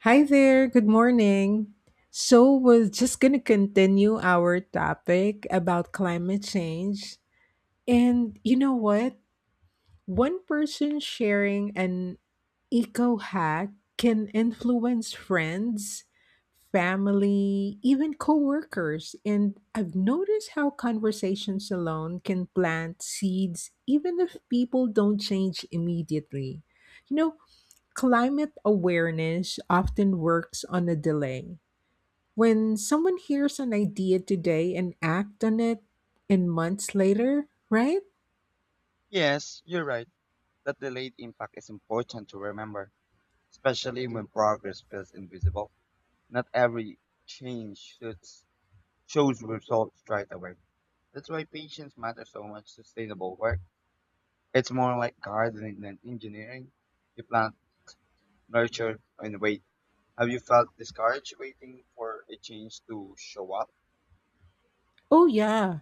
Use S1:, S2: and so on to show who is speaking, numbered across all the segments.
S1: Hi there, good morning. So, we're just going to continue our topic about climate change. And you know what? One person sharing an eco hack can influence friends, family, even coworkers. And I've noticed how conversations alone can plant seeds, even if people don't change immediately. You know, Climate awareness often works on a delay. When someone hears an idea today and act on it in months later, right?
S2: Yes, you're right. That delayed impact is important to remember, especially when progress feels invisible. Not every change shows results right away. That's why patience matters so much. Sustainable work. It's more like gardening than engineering. You plant, nurture, and wait. Have you felt discouraged waiting for a change to show up?
S1: Oh yeah,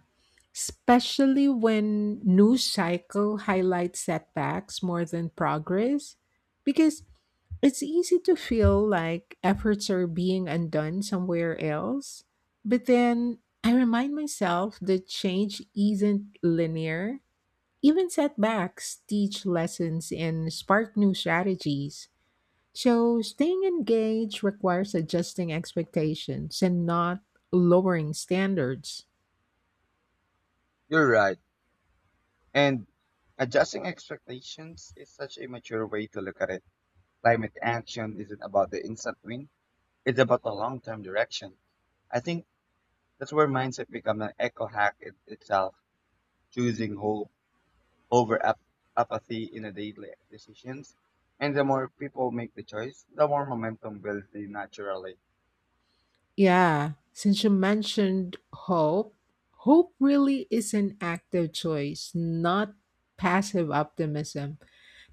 S1: especially when news cycle highlights setbacks more than progress because it's easy to feel like efforts are being undone somewhere else. But then I remind myself that change isn't linear. Even setbacks teach lessons and spark new strategies. So, staying engaged requires adjusting expectations and not lowering standards.
S2: You're right. And adjusting expectations is such a mature way to look at it. Climate action isn't about the instant win. It's about the long-term direction. I think that's where mindset becomes an eco hack in itself, choosing hope over apathy in a daily decisions. And the more people make the choice, the more momentum builds in naturally.
S1: Yeah, since you mentioned hope, hope really is an active choice, not passive optimism,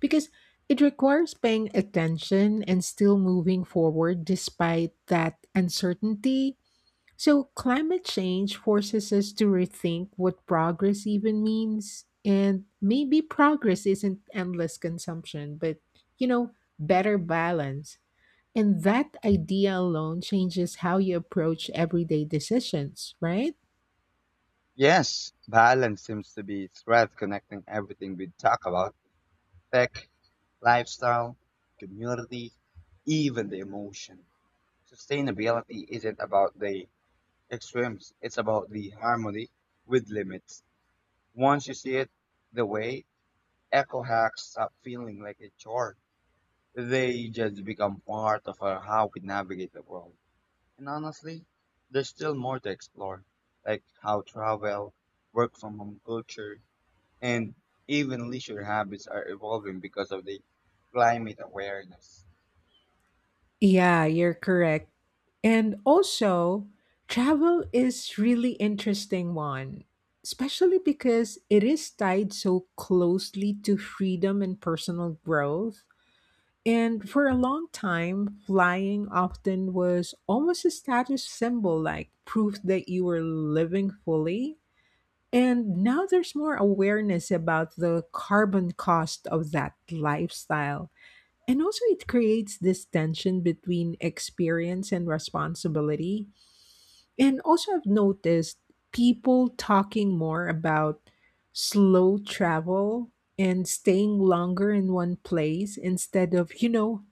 S1: because it requires paying attention and still moving forward despite that uncertainty. So, climate change forces us to rethink what progress even means. And maybe progress isn't endless consumption, but, you know, better balance. And that idea alone changes how you approach everyday decisions, right?
S2: Yes, balance seems to be its thread connecting everything we talk about: tech, lifestyle, community, even the emotion. Sustainability isn't about the extremes, it's about the harmony with limits. Once you see it the way eco hacks stop feeling like a chore. They just become part of our, how we navigate the world. And honestly, there's still more to explore, like how travel, work from home culture, and even leisure habits are evolving because of the climate awareness.
S1: Yeah, you're correct. And also, travel is really interesting one, especially because it is tied so closely to freedom and personal growth. And for a long time, flying often was almost a status symbol, like proof that you were living fully. And now there's more awareness about the carbon cost of that lifestyle. And also, it creates this tension between experience and responsibility. And also, I've noticed people talking more about slow travel and staying longer in one place instead of,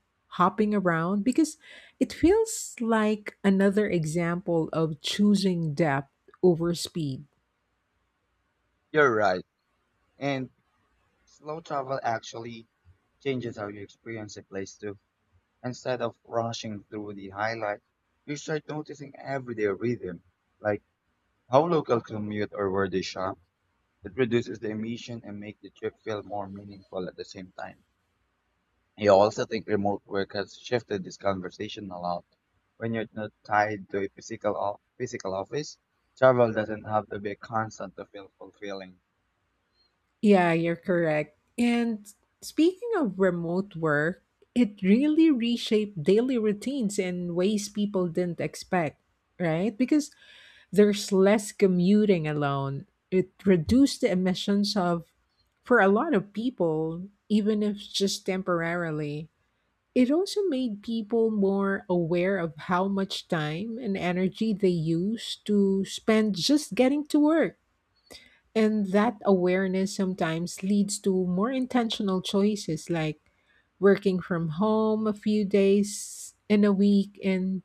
S1: hopping around because it feels like another example of choosing depth over speed.
S2: You're right. And slow travel actually changes how you experience a place too. Instead of rushing through the highlight, you start noticing everyday rhythm, like how local commute or where they shop. It reduces the emission and make the trip feel more meaningful at the same time. I also think remote work has shifted this conversation a lot. When you're not tied to a physical office, travel doesn't have to be constant to feel fulfilling.
S1: Yeah, you're correct. And speaking of remote work, it really reshaped daily routines in ways people didn't expect, right? Because there's less commuting alone. It reduced the emissions of, for a lot of people, even if just temporarily. It also made people more aware of how much time and energy they use to spend just getting to work. And that awareness sometimes leads to more intentional choices like working from home a few days in a week. And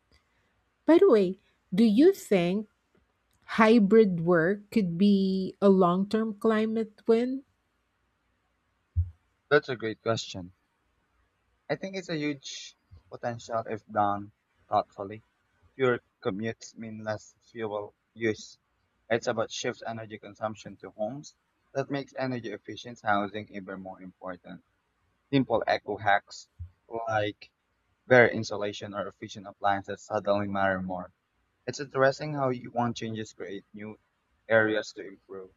S1: by the way, do you think Hybrid work could be a long term climate win?
S2: That's a great question. I think it's a huge potential if done thoughtfully. Fewer commutes mean less fuel use. It's about shift energy consumption to homes that makes energy efficient housing even more important. Simple eco hacks like better insulation or efficient appliances suddenly matter more. It's interesting how you want changes create new areas to improve.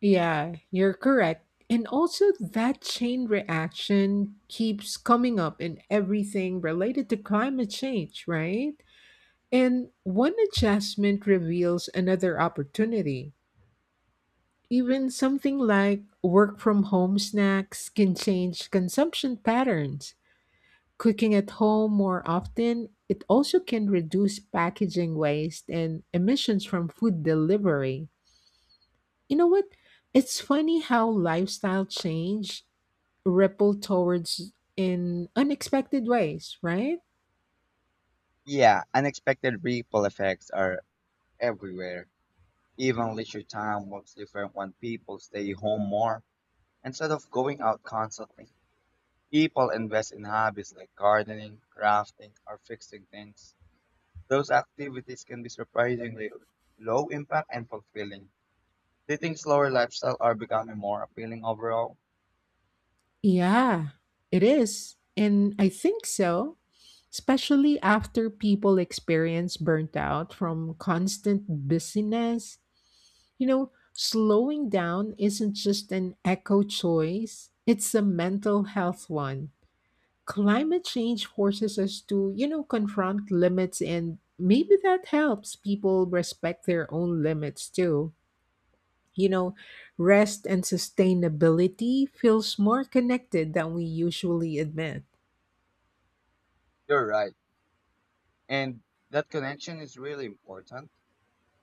S1: Yeah, you're correct. And also, that chain reaction keeps coming up in everything related to climate change, right? And one adjustment reveals another opportunity. Even something like work from home snacks can change consumption patterns. Cooking at home more often, it also can reduce packaging waste and emissions from food delivery. You know what? It's funny how lifestyle change ripple towards in unexpected ways, right?
S2: Yeah, unexpected ripple effects are everywhere. Even leisure time works different when people stay home more instead of going out constantly. People invest in hobbies like gardening, crafting, or fixing things. Those activities can be surprisingly low impact and fulfilling. They think slower lifestyle are becoming more appealing overall.
S1: Yeah, it is. And I think so, especially after people experience burnt out from constant busyness. Slowing down isn't just an eco choice, it's a mental health one. Climate change forces us to, confront limits, and maybe that helps people respect their own limits too. You know, rest and sustainability feels more connected than we usually admit.
S2: You're right. And that connection is really important.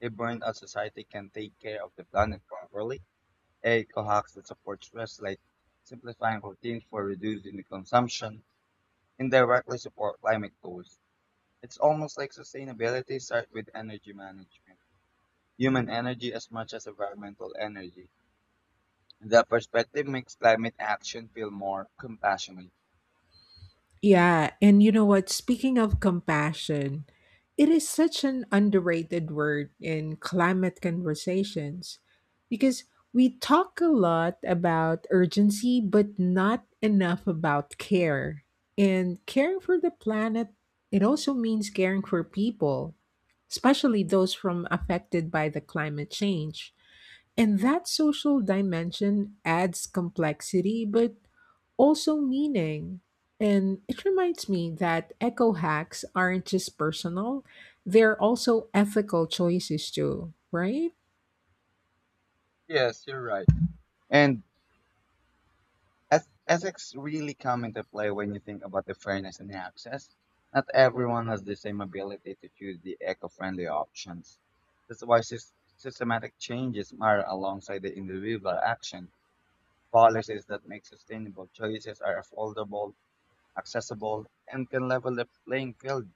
S2: A burnout society can take care of the planet properly. A cohacks that supports rest like simplifying routines for reducing the consumption and directly support climate goals. It's almost like sustainability starts with energy management, human energy as much as environmental energy. That perspective makes climate action feel more compassionate.
S1: Yeah, and you know what? Speaking of compassion, it is such an underrated word in climate conversations because we talk a lot about urgency, but not enough about care. And caring for the planet, it also means caring for people, especially those from affected by the climate change. And that social dimension adds complexity, but also meaning. And it reminds me that eco hacks aren't just personal, they're also ethical choices, too, right?
S2: Yes, you're right. And ethics really come into play when you think about the fairness and the access. Not everyone has the same ability to choose the eco-friendly options. That's why systematic changes matter alongside the individual action. Policies that make sustainable choices are affordable, accessible, and can level the playing field.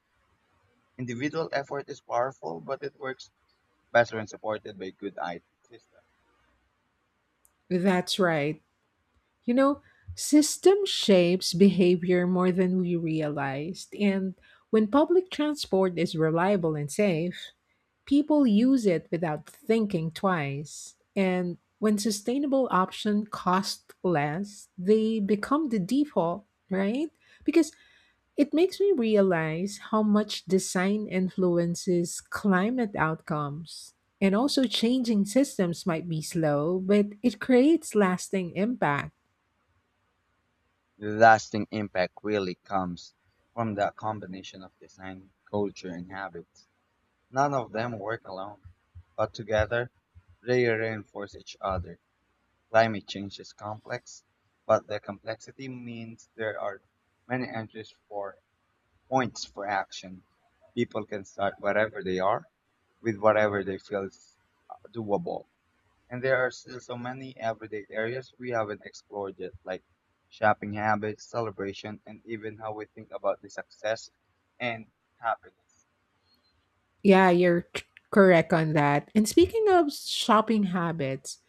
S2: Individual effort is powerful, but it works best when supported by good IT system.
S1: That's right. You know, system shapes behavior more than we realized. And when public transport is reliable and safe, people use it without thinking twice. And when sustainable option cost less, they become the default, right? Because it makes me realize how much design influences climate outcomes. And also changing systems might be slow, but it creates lasting impact.
S2: Lasting impact really comes from the combination of design, culture, and habits. None of them work alone, but together they reinforce each other. Climate change is complex, but the complexity means there are many entries for points for action. People can start wherever they are with whatever they feel is doable. And there are still so many everyday areas we haven't explored yet, like shopping habits, celebration, and even how we think about the success and happiness.
S1: Yeah, you're c- correct on that. And speaking of shopping habits,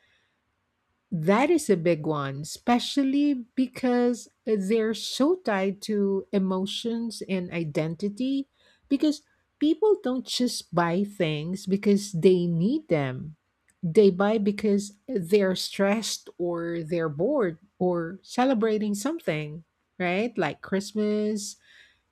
S1: that is a big one, especially because they're so tied to emotions and identity. Because people don't just buy things because they need them, they buy because they're stressed or they're bored or celebrating something, right? Like Christmas,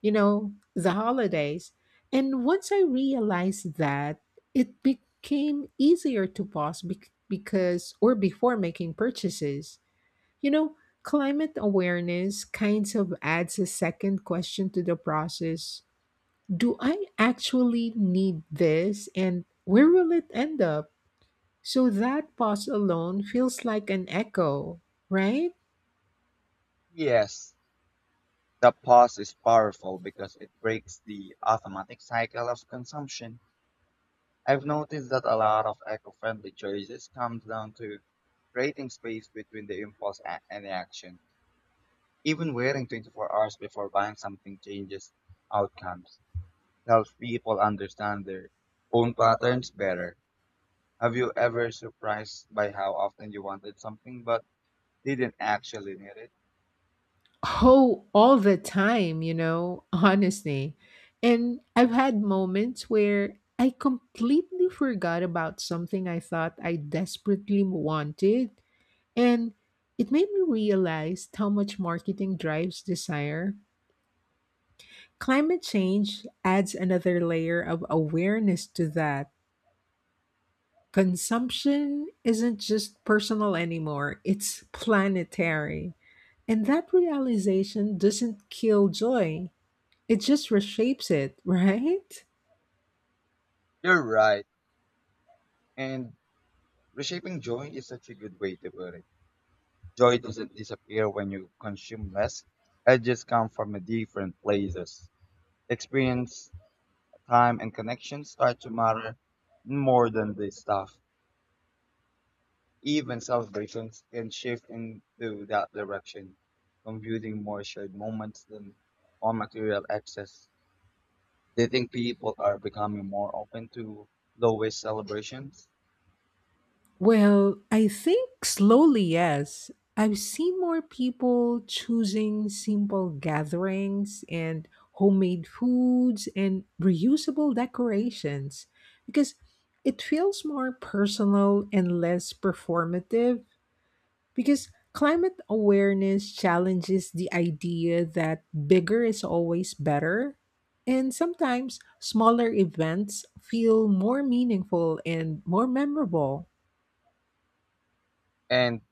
S1: the holidays. And once I realized that, it became easier to because, or before making purchases. You know, climate awareness kind of adds a second question to the process. Do I actually need this? And where will it end up? So that pause alone feels like an echo, right?
S2: Yes, the pause is powerful because it breaks the automatic cycle of consumption. I've noticed that a lot of eco-friendly choices comes down to creating space between the impulse and the action. Even waiting 24 hours before buying something changes outcomes, helps people understand their own patterns better. Have you ever surprised by how often you wanted something but didn't actually need it?
S1: Oh, all the time, honestly. And I've had moments where I completely forgot about something I thought I desperately wanted. And it made me realize how much marketing drives desire. Climate change adds another layer of awareness to that. Consumption isn't just personal anymore, it's planetary. And that realization doesn't kill joy. It just reshapes it, right?
S2: You're right. And reshaping joy is such a good way to put it. Joy doesn't disappear when you consume less. It just comes from a different places. Experience, time, and connection start to matter more than the stuff. Even celebrations can shift into that direction, contributing more shared moments than on material access. Do you think people are becoming more open to low-waste celebrations?
S1: Well, I think slowly, yes. I've seen more people choosing simple gatherings and homemade foods and reusable decorations because it feels more personal and less performative. Because climate awareness challenges the idea that bigger is always better. And sometimes smaller events feel more meaningful and more memorable.
S2: And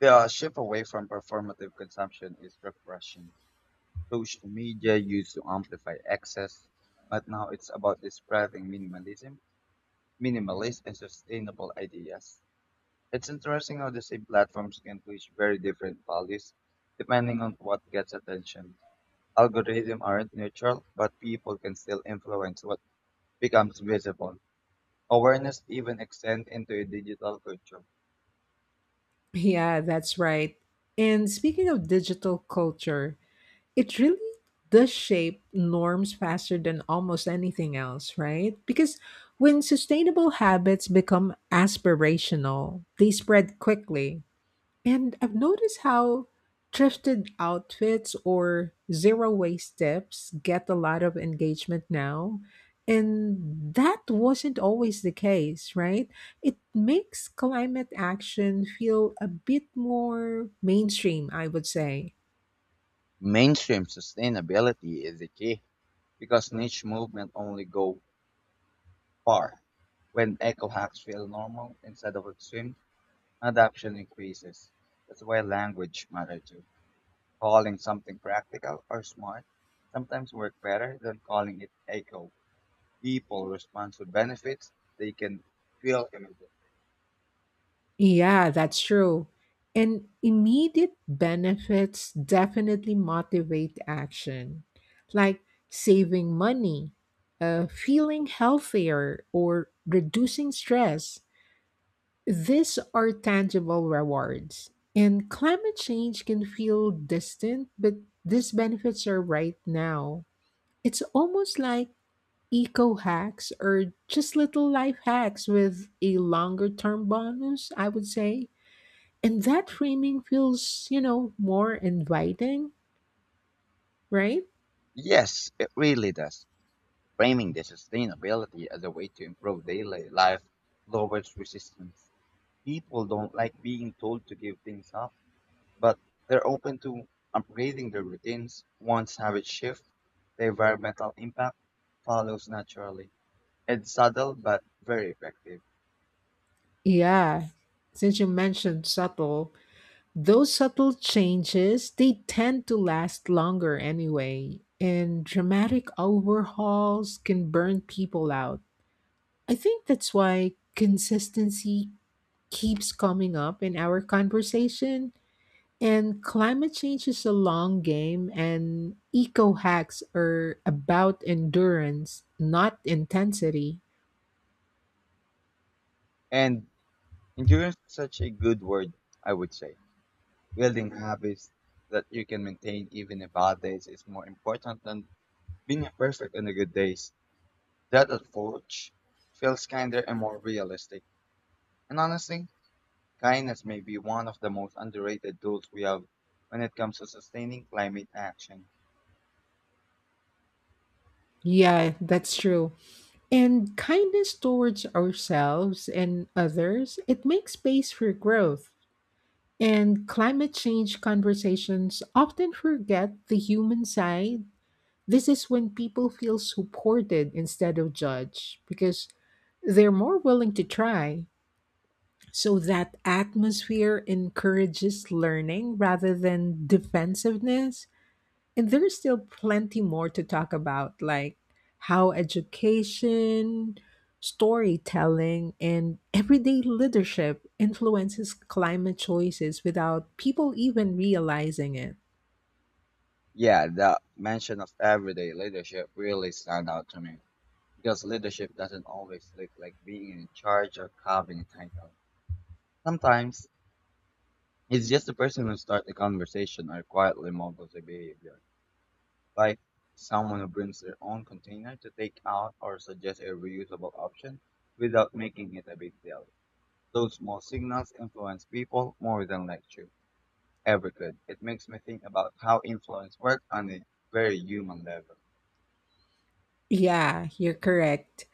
S2: the shift away from performative consumption is refreshing. Social media used to amplify excess, but now it's about the spreading minimalist and sustainable ideas. It's interesting how the same platforms can push very different values depending on what gets attention. Algorithms aren't neutral, but people can still influence what becomes visible. Awareness even extends into a digital culture.
S1: Yeah, that's right. And speaking of digital culture, it really does shape norms faster than almost anything else, right? Because when sustainable habits become aspirational, they spread quickly. And I've noticed how thrifted outfits or zero waste tips get a lot of engagement now. And that wasn't always the case, right? It makes climate action feel a bit more mainstream, I would say.
S2: Mainstream sustainability is the key because niche movement only go far. When eco hacks feel normal instead of extreme, adoption increases. That's why language matters too. Calling something practical or smart sometimes works better than calling it a goal. People respond to benefits they can feel immediately.
S1: Yeah, that's true. And immediate benefits definitely motivate action, like saving money, feeling healthier, or reducing stress. These are tangible rewards. And climate change can feel distant, but these benefits are right now. It's almost like eco hacks or just little life hacks with a longer term bonus, I would say. And that framing feels, more inviting, right?
S2: Yes, it really does. Framing the sustainability as a way to improve daily life lowers resistance. People don't like being told to give things up, but they're open to upgrading their routines. Once habits shift, the environmental impact follows naturally. It's subtle but very effective.
S1: Yeah. Since you mentioned subtle, those subtle changes, they tend to last longer anyway. And dramatic overhauls can burn people out. I think that's why consistency keeps coming up in our conversation. And climate change is a long game, and eco hacks are about endurance, not intensity.
S2: And endurance is such a good word, I would say. Building habits that you can maintain even in bad days is more important than being perfect on the good days. That approach feels kinder and more realistic. And honestly, kindness may be one of the most underrated tools we have when it comes to sustaining climate action.
S1: Yeah, that's true. And kindness towards ourselves and others, it makes space for growth. And climate change conversations often forget the human side. This is when people feel supported instead of judged because they're more willing to try. So that atmosphere encourages learning rather than defensiveness. And there's still plenty more to talk about, like how education, storytelling, and everyday leadership influences climate choices without people even realizing it.
S2: Yeah, the mention of everyday leadership really stand out to me because leadership doesn't always look like being in charge or having a title. Sometimes it's just the person who starts a conversation or quietly models a behavior, like someone who brings their own container to take out or suggests a reusable option without making it a big deal. Those small signals influence people more than lecture ever could. It makes me think about how influence works on a very human level.
S1: Yeah, you're correct.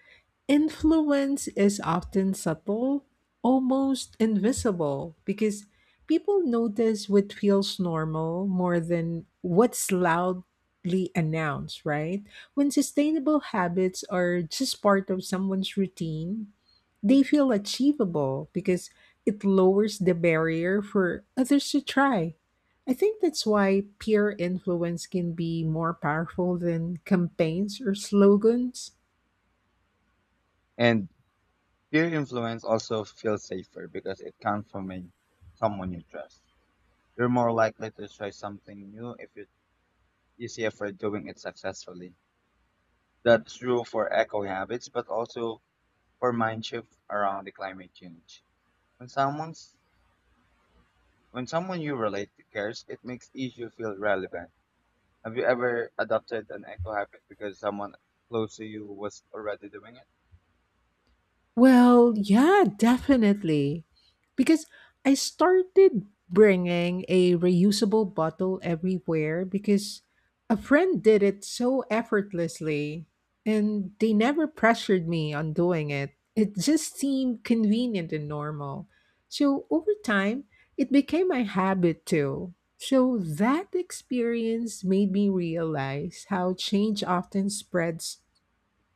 S1: Influence is often subtle, almost invisible, because people notice what feels normal more than what's loudly announced, right? When sustainable habits are just part of someone's routine, they feel achievable because it lowers the barrier for others to try. I think that's why peer influence can be more powerful than campaigns or slogans.
S2: And peer influence also feels safer because it comes from someone you trust. You're more likely to try something new if you see a friend doing it successfully. That's true for eco habits, but also for mind shift around the climate change. When someone's when someone you relate to cares, it makes you feel relevant. Have you ever adopted an eco habit because someone close to you was already doing it?
S1: Well, yeah, definitely. Because I started bringing a reusable bottle everywhere because a friend did it so effortlessly and they never pressured me on doing it. It just seemed convenient and normal. So over time, it became my habit too. So that experience made me realize how change often spreads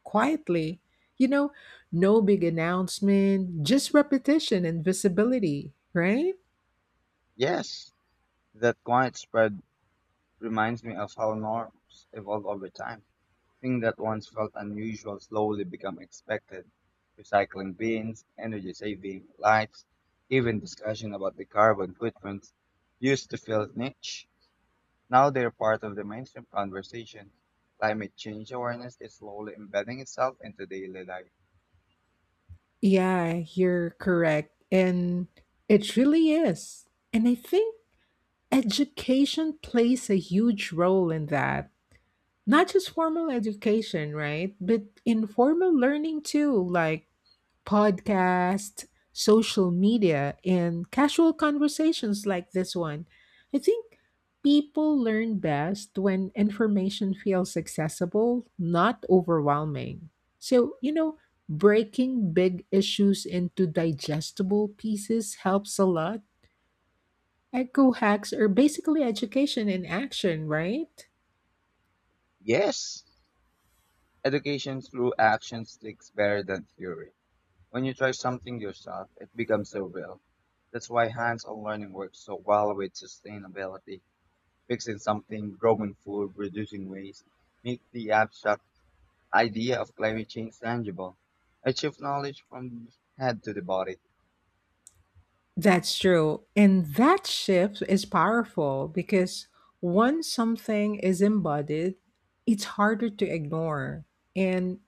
S1: quietly. You know, no big announcement, just repetition and visibility, right?
S2: Yes, that quiet spread reminds me of how norms evolve over time. Things that once felt unusual slowly become expected. Recycling bins, energy saving lights, even discussion about the carbon footprints used to feel niche. Now they're part of the mainstream conversation. Climate change awareness is slowly embedding itself into daily life.
S1: Yeah, you're correct. And it really is. And I think education plays a huge role in that. Not just formal education, right? But informal learning too, like Podcast, social media, and casual conversations like this one. I think people learn best when information feels accessible, not overwhelming. So, breaking big issues into digestible pieces helps a lot. Eco hacks are basically education in action, right?
S2: Yes, education through action sticks better than theory. When you try something yourself, it becomes so real. That's why hands-on learning works so well with sustainability. Fixing something, growing food, reducing waste, make the abstract idea of climate change tangible. I shift knowledge from the head to the body.
S1: That's true. And that shift is powerful because once something is embodied, it's harder to ignore. And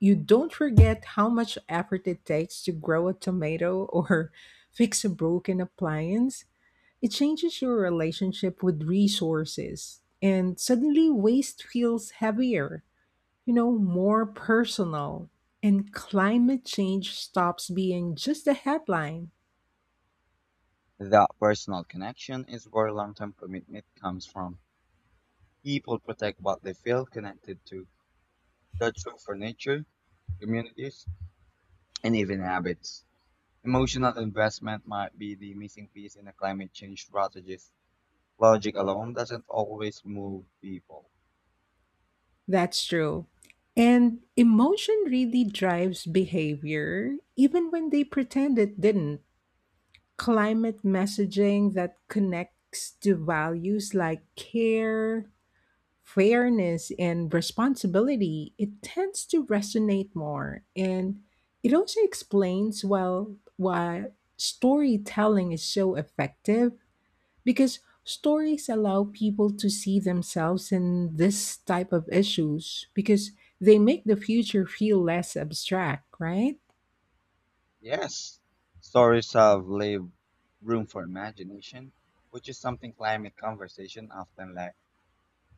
S1: you don't forget how much effort it takes to grow a tomato or fix a broken appliance. It changes your relationship with resources. And suddenly, waste feels heavier, more personal. And climate change stops being just a headline.
S2: That personal connection is where long-term commitment comes from. People protect what they feel connected to. That's true for nature, communities, and even habits. Emotional investment might be the missing piece in a climate change strategist. Logic alone doesn't always move people.
S1: That's true. And emotion really drives behavior, even when they pretend it didn't. Climate messaging that connects to values like care, fairness, and responsibility, it tends to resonate more. And it also explains well why storytelling is so effective because stories allow people to see themselves in this type of issues because they make the future feel less abstract, right?
S2: Yes, stories have lived room for imagination, which is something climate conversation often lack.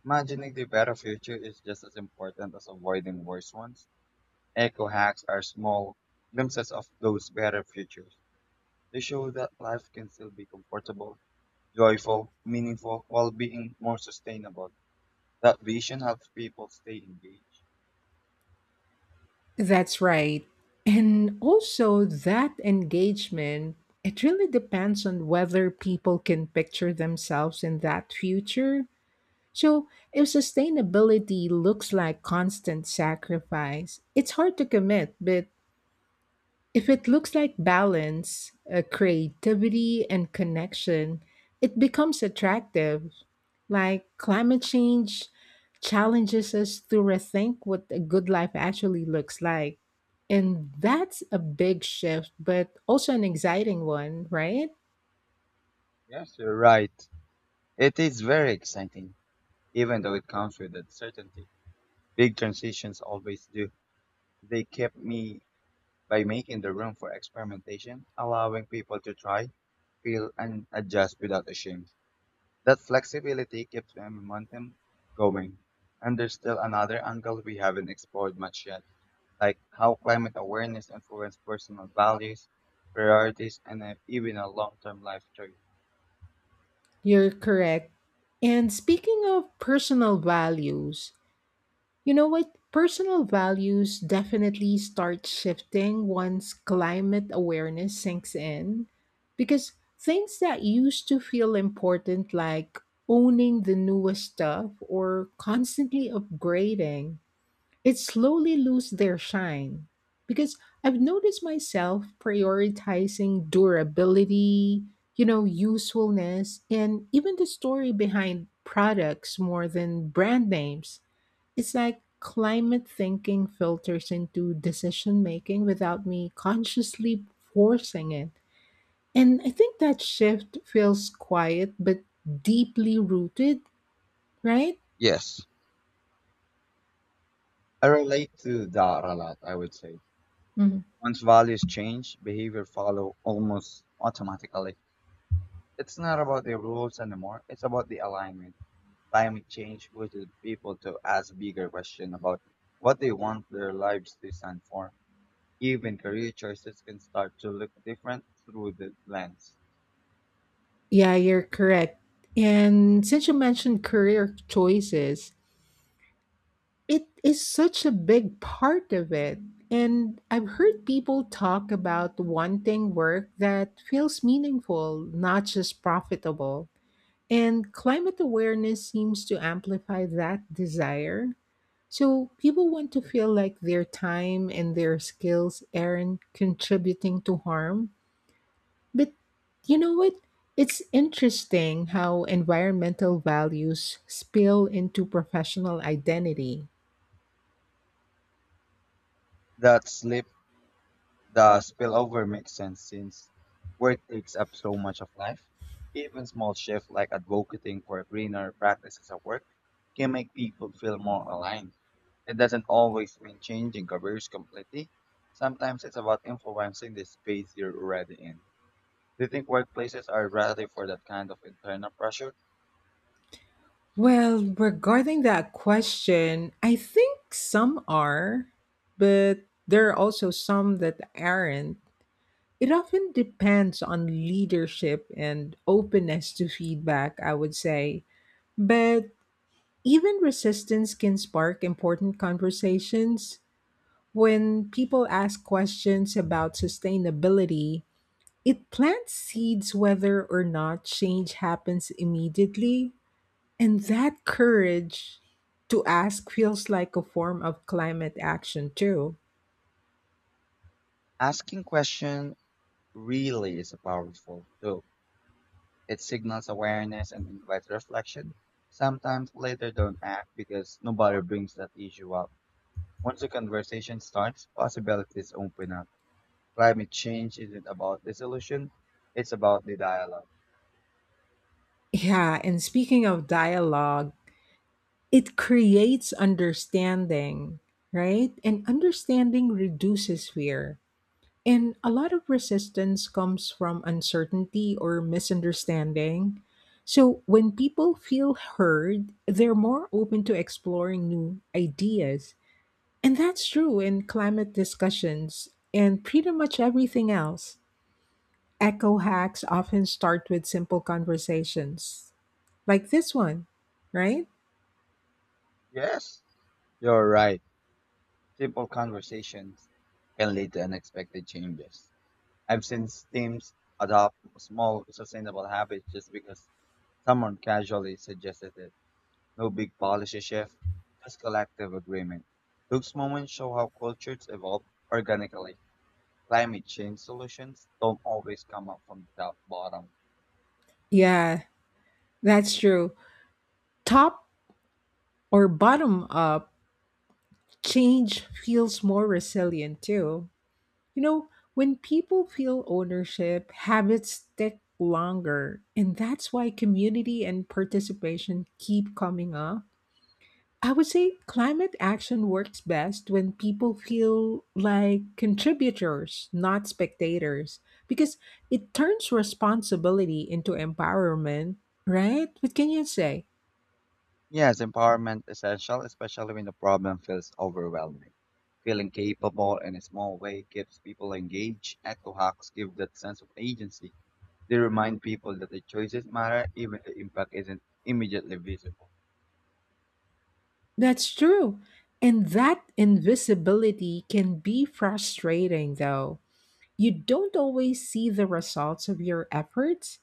S2: Imagining the better future is just as important as avoiding worse ones. Eco hacks are small glimpses of those better futures. They show that life can still be comfortable, joyful, meaningful, while being more sustainable. That vision helps people stay engaged.
S1: That's right. And also that engagement, it really depends on whether people can picture themselves in that future. So, if sustainability looks like constant sacrifice, it's hard to commit, but if it looks like balance, creativity, and connection, it becomes attractive. Like climate change challenges us to rethink what a good life actually looks like. And that's a big shift, but also an exciting one, right?
S2: Yes, you're right. It is very exciting, even though it comes with uncertainty. Big transitions always do. They kept me by making the room for experimentation, allowing people to try, feel, and adjust without a shame. That flexibility keeps the momentum going. And there's still another angle we haven't explored much yet, like how climate awareness influences personal values, priorities, and even a long-term life choice.
S1: You're correct. And speaking of personal values, you know what? Personal values definitely start shifting once climate awareness sinks in because things that used to feel important, like owning the newest stuff or constantly upgrading, it slowly lose their shine. Because I've noticed myself prioritizing durability, usefulness, and even the story behind products more than brand names, it's like climate thinking filters into decision making without me consciously forcing it. And I think that shift feels quiet but deeply rooted, right?
S2: Yes, I relate to that a lot, I would say.
S1: Mhm.
S2: Once values change, behavior follow almost automatically. It's not about the rules anymore, it's about the alignment. Climate change pushes people to ask bigger questions about what they want their lives to stand for. Even career choices can start to look different through the lens.
S1: Yeah, you're correct. And since you mentioned career choices, it is such a big part of it. And I've heard people talk about wanting work that feels meaningful, not just profitable. And climate awareness seems to amplify that desire. So people want to feel like their time and their skills aren't contributing to harm. But you know what? It's interesting how environmental values spill into professional identity.
S2: That slip, the spillover makes sense since work takes up so much of life. Even small shifts like advocating for greener practices at work can make people feel more aligned. It doesn't always mean changing careers completely. Sometimes it's about influencing the space you're already in. Do you think workplaces are ready for that kind of internal pressure?
S1: Well, regarding that question, I think some are, but there are also some that aren't. It often depends on leadership and openness to feedback, I would say. But even resistance can spark important conversations. When people ask questions about sustainability, it plants seeds whether or not change happens immediately. And that courage to ask feels like a form of climate action, too.
S2: Asking question really is a powerful tool. It signals awareness and invites reflection. Sometimes later don't act because nobody brings that issue up. Once the conversation starts, possibilities open up. Climate change isn't about the solution, it's about the dialogue.
S1: Yeah, and speaking of dialogue, it creates understanding, right? And understanding reduces fear. And a lot of resistance comes from uncertainty or misunderstanding. So when people feel heard, they're more open to exploring new ideas. And that's true in climate discussions and pretty much everything else. Eco hacks often start with simple conversations like this one, right?
S2: Yes, you're right. Simple conversations can lead to unexpected changes. I've seen teams adopt small, sustainable habits just because someone casually suggested it. No big policy shift, just collective agreement. Those moments show how cultures evolve organically. Climate change solutions don't always come up from the top bottom.
S1: Yeah, that's true. Top or bottom up change feels more resilient too. You know, when people feel ownership, habits stick longer. And that's why community and participation keep coming up. I would say climate action works best when people feel like contributors, not spectators, because it turns responsibility into empowerment, right? What can you say?
S2: Yes, empowerment essential, especially when the problem feels overwhelming. Feeling capable in a small way keeps people engaged. Eco hacks give that sense of agency. They remind people that the choices matter even the impact isn't immediately visible.
S1: That's true. And that invisibility can be frustrating, though. You don't always see the results of your efforts,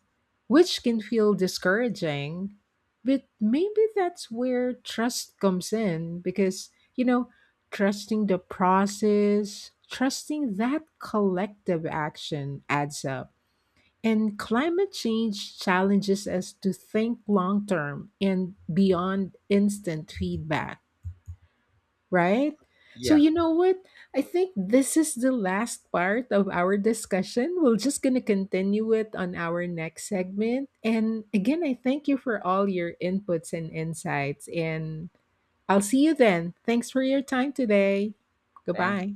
S1: which can feel discouraging. But maybe that's where trust comes in because, you know, trusting the process, trusting that collective action adds up. And climate change challenges us to think long term and beyond instant feedback, right? So
S2: Yeah.
S1: you know what? I think this is the last part of our discussion. We're just going to continue it on our next segment. And again, I thank you for all your inputs and insights and I'll see you then. Thanks for your time today.
S2: Thanks.
S1: Goodbye.